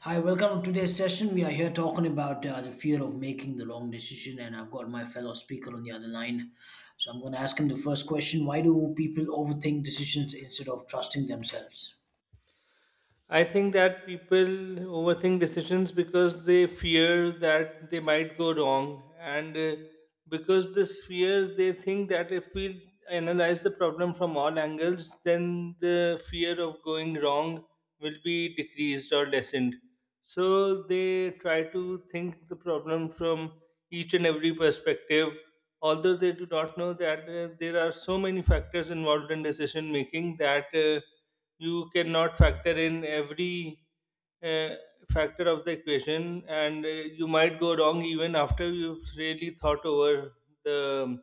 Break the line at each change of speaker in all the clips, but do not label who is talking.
Hi, welcome to today's session. We are here talking about the fear of making the wrong decision, and I've got my fellow speaker on the other line. So I'm going to ask him the first question: why do people overthink decisions instead of trusting themselves?
I think that people overthink decisions because they fear that they might go wrong, and because this fear, they think that if we analyze the problem from all angles, then the fear of going wrong will be decreased or lessened. So they try to think the problem from each and every perspective, although they do not know that there are so many factors involved in decision making, that you cannot factor in every uh, factor of the equation, and you might go wrong even after you've really thought over the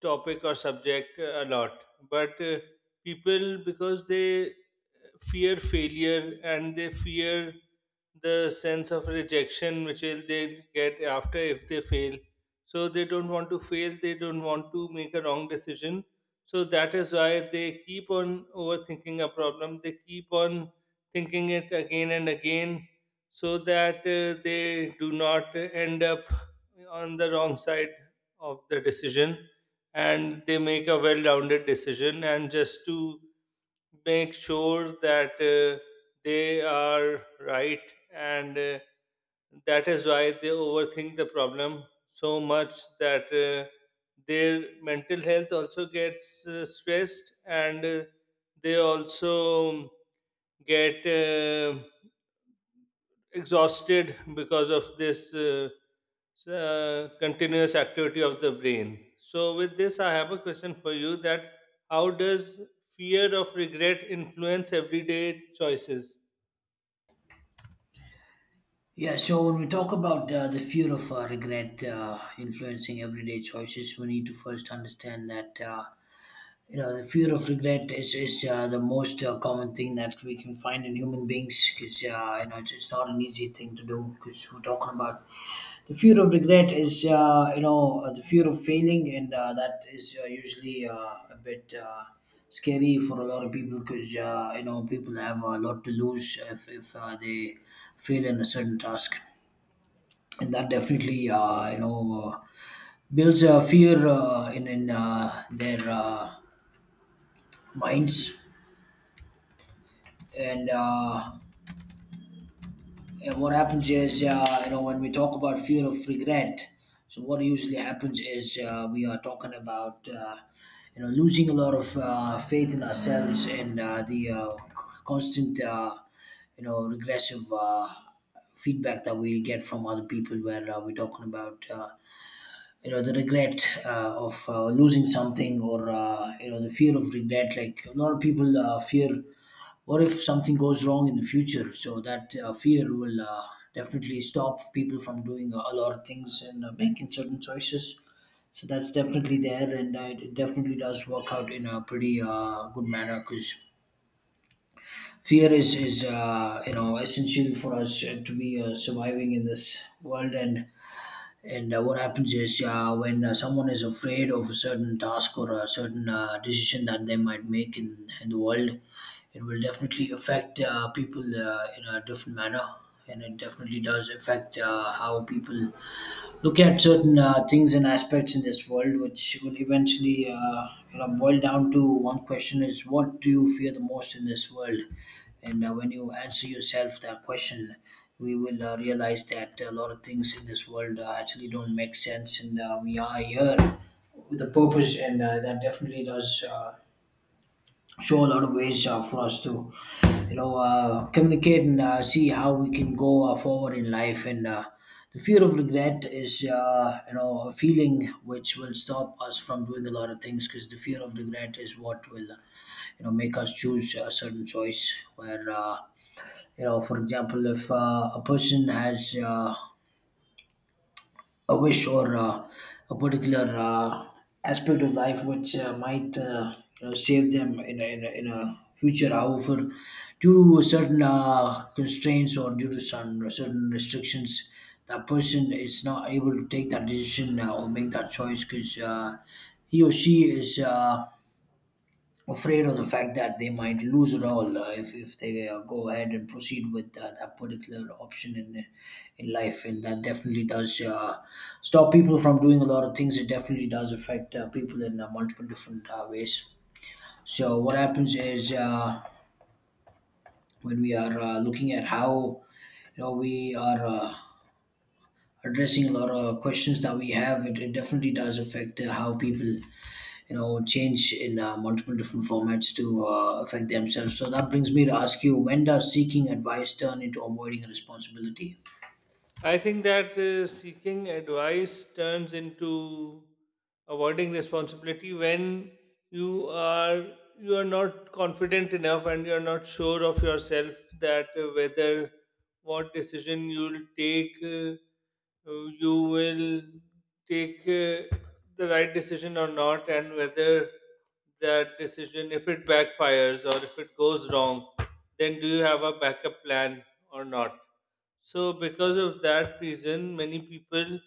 topic or subject a lot, but people, because they fear failure and they fear the sense of rejection which will they get after if they fail, so they don't want to fail, they don't want to make a wrong decision. So that is why they keep on overthinking a problem, they keep on thinking it again and again, so that they do not end up on the wrong side of the decision, and they make a well rounded decision, and just to make sure that they are right, and that is why they overthink the problem so much that their mental health also gets stressed, and they also get exhausted because of this so, continuous activity of the brain. So, with this, I have a question for you: that how does fear of regret influence everyday choices?
Yeah, so when we talk about the fear of regret influencing everyday choices, we need to first understand that. You know, the fear of regret is the most common thing that we can find in human beings because, you know, it's not an easy thing to do because we're talking about the fear of regret is you know the fear of failing and that is usually a bit scary for a lot of people because you know people have a lot to lose if they fail in a certain task, and that definitely you know builds a fear in their minds, and, and what happens is you know when we talk about fear of regret, so what usually happens is we are talking about you know losing a lot of faith in ourselves and the constant you know regressive feedback that we get from other people where we're talking about you know the regret of losing something or you know the fear of regret, like a lot of people fear what if something goes wrong in the future. So that fear will definitely stop people from doing a lot of things and making certain choices. So that's definitely there, and it definitely does work out in a pretty good manner because fear is you know essential for us to be surviving in this world, and what happens is when someone is afraid of a certain task or a certain decision that they might make in the world, it will definitely affect people in a different manner. And it definitely does affect how people look at certain things and aspects in this world, which will eventually you know boil down to one question: is what do you fear the most in this world? And when you answer yourself that question, we will realize that a lot of things in this world actually don't make sense, and we are here with a purpose, and that definitely does show a lot of ways for us to you know communicate and see how we can go forward in life. And the fear of regret is you know a feeling which will stop us from doing a lot of things, because the fear of regret is what will you know make us choose a certain choice where you know, for example, if a person has a wish or a particular aspect of life which might you know save them in a future. However, due to certain constraints or due to some certain restrictions, that person is not able to take that decision or make that choice because he or she is afraid of the fact that they might lose it all if they go ahead and proceed with that particular option in life. And that definitely does stop people from doing a lot of things. It definitely does affect people in multiple different ways. So what happens is when we are looking at how you know we are addressing a lot of questions that we have, it definitely does affect how people you know change in multiple different formats to affect themselves. So that brings me to ask you: when does seeking advice turn into avoiding responsibility?
I think that seeking advice turns into avoiding responsibility when you are you are not confident enough and you are not sure of yourself, that whether what decision you will take, you will take the right decision or not, and whether that decision, if it backfires or if it goes wrong, then do you have a backup plan or not. So because of that reason, many people,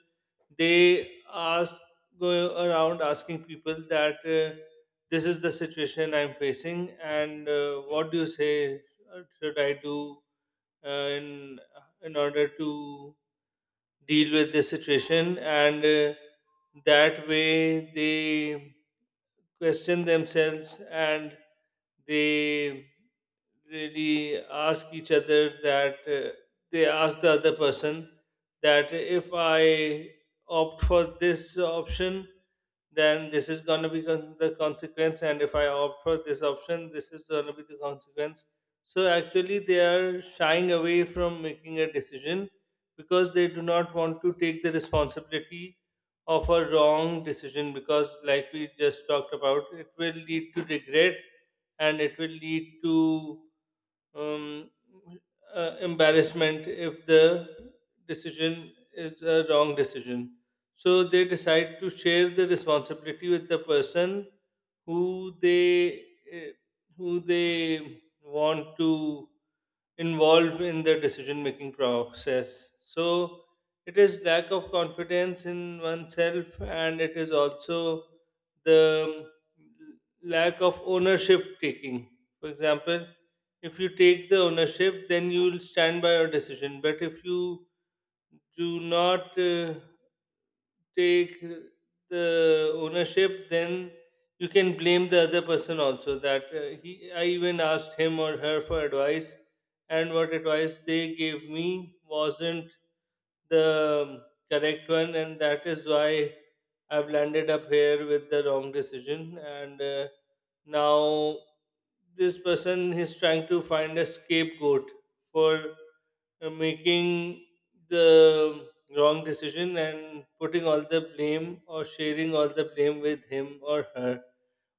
they ask, go around asking people that, this is the situation I'm facing, and what do you say should I do uh, in in order to deal with this situation. And that way they question themselves, and they really ask each other that, they ask the other person that if I opt for this option, then this is going to be the consequence, and if I opt for this option, this is going to be the consequence. So actually, they are shying away from making a decision because they do not want to take the responsibility of a wrong decision, because like we just talked about, it will lead to regret, and it will lead to um, embarrassment if the decision is a wrong decision. So they decide to share the responsibility with the person who they, eh, who they want to involve in the decision making process. So it is lack of confidence in oneself, and it is also the lack of ownership taking. For example, if you take the ownership, then you will stand by your decision. But if you do not take the ownership, then you can blame the other person also. That, he, I even asked him or her for advice, and what advice they gave me wasn't the correct one, and that is why I've landed up here with the wrong decision. And now this person is trying to find a scapegoat for making the wrong decision and putting all the blame or sharing all the blame with him or her.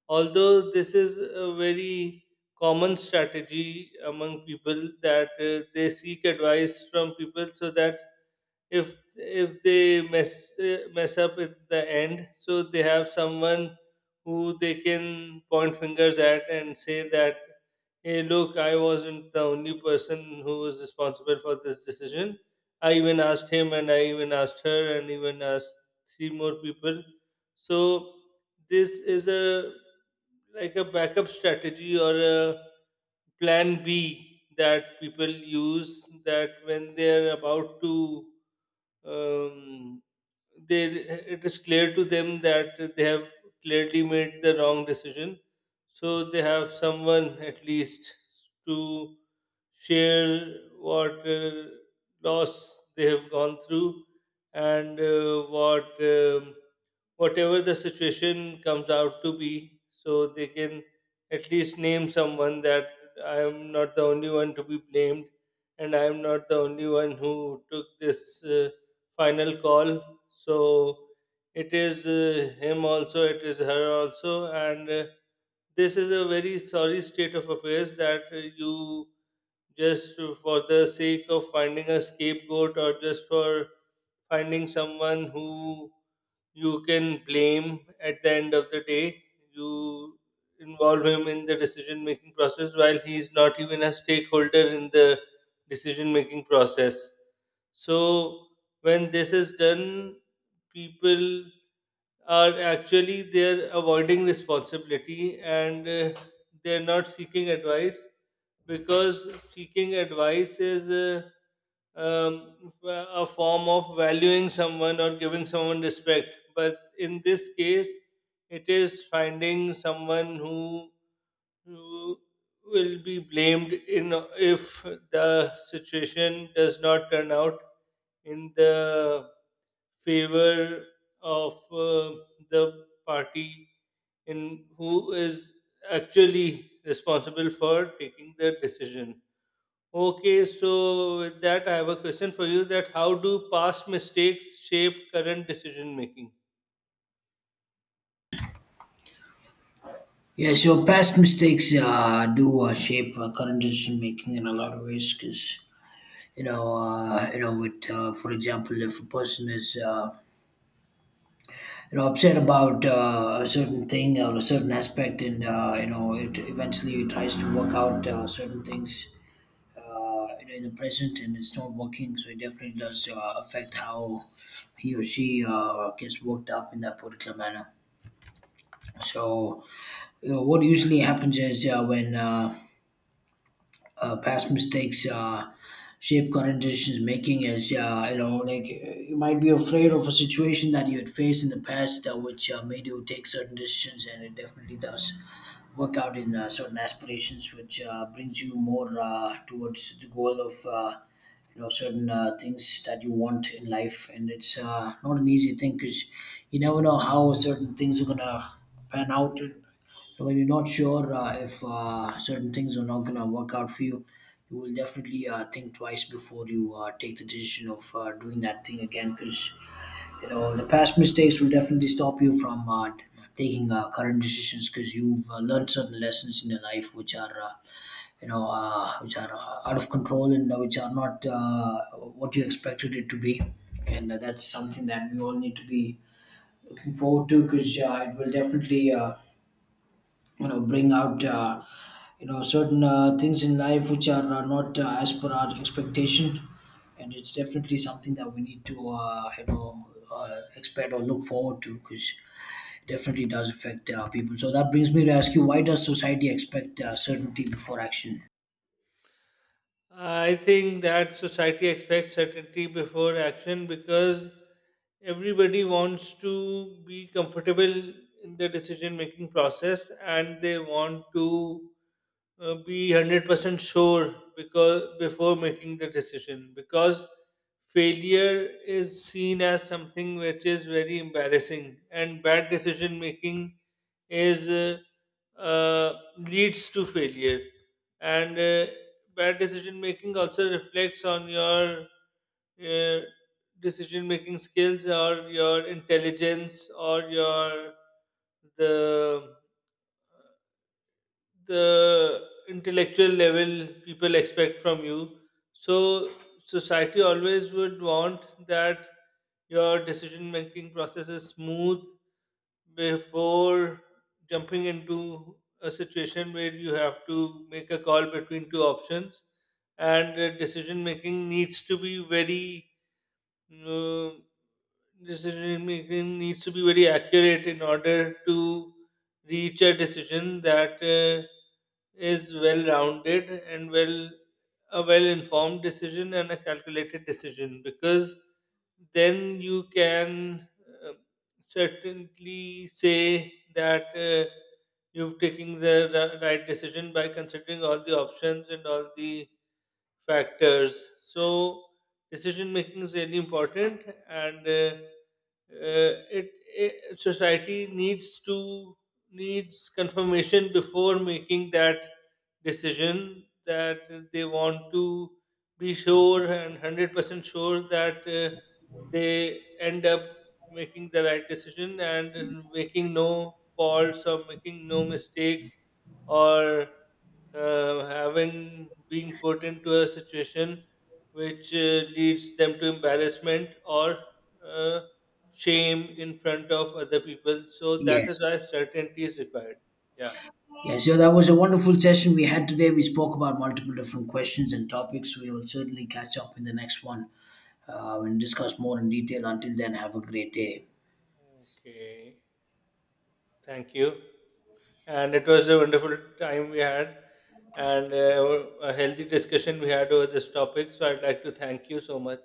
Although this is a very common strategy among people, that they seek advice from people so that if they mess up at the end, so they have someone who they can point fingers at and say that, hey, look, I wasn't the only person who was responsible for this decision. I even asked him, and I even asked her, and even asked three more people. So this is a, like a backup strategy, or a plan B that people use, that when they're about to, um, they, it is clear to them that they have clearly made the wrong decision, so they have someone at least to share what loss they have gone through, and what whatever the situation comes out to be, so they can at least name someone that, I am not the only one to be blamed, and I am not the only one who took this uh, final call. So it is him also, it is her also, and this is a very sorry state of affairs, that you just, for the sake of finding a scapegoat, or just for finding someone who you can blame at the end of the day. You involve him in the decision making process while he is not even a stakeholder in the decision making process. So when this is done, people are actually, they're avoiding responsibility, and they're not seeking advice, because seeking advice is a form of valuing someone or giving someone respect. But in this case, it is finding someone who will be blamed in, if the situation does not turn out in the favor of the party in who is actually responsible for taking the decision. Okay, so with that, I have a question for you: that how do past mistakes shape current decision making?
Yeah, so past mistakes do shape current decision making in a lot of ways, because you know with for example, if a person is you know upset about a certain thing or a certain aspect, and you know it eventually tries to work out certain things uh, in the present and it's not working. So it definitely does affect how he or she gets worked up in that particular manner. So you know, what usually happens is when past mistakes shape current decisions making, as you know, like you might be afraid of a situation that you had faced in the past which made you take certain decisions, and it definitely does work out in certain aspirations which brings you more towards the goal of you know certain things that you want in life. And it's not an easy thing because you never know how certain things are gonna pan out. So when you're not sure if certain things are not going to work out for you, you will definitely think twice before you take the decision of doing that thing again. Because you know the past mistakes will definitely stop you from taking current decisions, because you've learned certain lessons in your life which are you know which are out of control and which are not what you expected it to be. And that's something that we all need to be looking forward to, because it will definitely you know bring out you know certain things in life which are not as per our expectation. And it's definitely something that we need to you know expect or look forward to, because it definitely does affect people. So that brings me to ask you: why does society expect certainty before action?
I think that society expects certainty before action because everybody wants to be comfortable in the decision making process, and they want to be 100% sure, because before making the decision, because failure is seen as something which is very embarrassing, and bad decision making is, leads to failure, and bad decision making also reflects on your uh, decision making skills, or your intelligence, or your, the the intellectual level people expect from you. So society always would want that your decision making process is smooth before jumping into a situation where you have to make a call between two options. And the decision making needs to be very, no, decision making needs to be very accurate in order to reach a decision that is well rounded and well, a well informed decision and a calculated decision, because then you can uh, certainly say that you've taken the right decision by considering all the options and all the factors. So decision making is really important, and it, it society needs to, needs confirmation before making that decision, that they want to be sure and 100% sure that they end up making the right decision, and making no faults or making no mistakes, or having being put into a situation which leads them to embarrassment or uh, shame in front of other people. So that
Yes.
is why certainty is required. Yeah.
Yeah, so that was a wonderful session we had today. We spoke about multiple different questions and topics. We will certainly catch up in the next one, and discuss more in detail. Until then, have a great day.
Okay. Thank you. And it was a wonderful time we had, and a healthy discussion we had over this topic. So I'd like to thank you so much.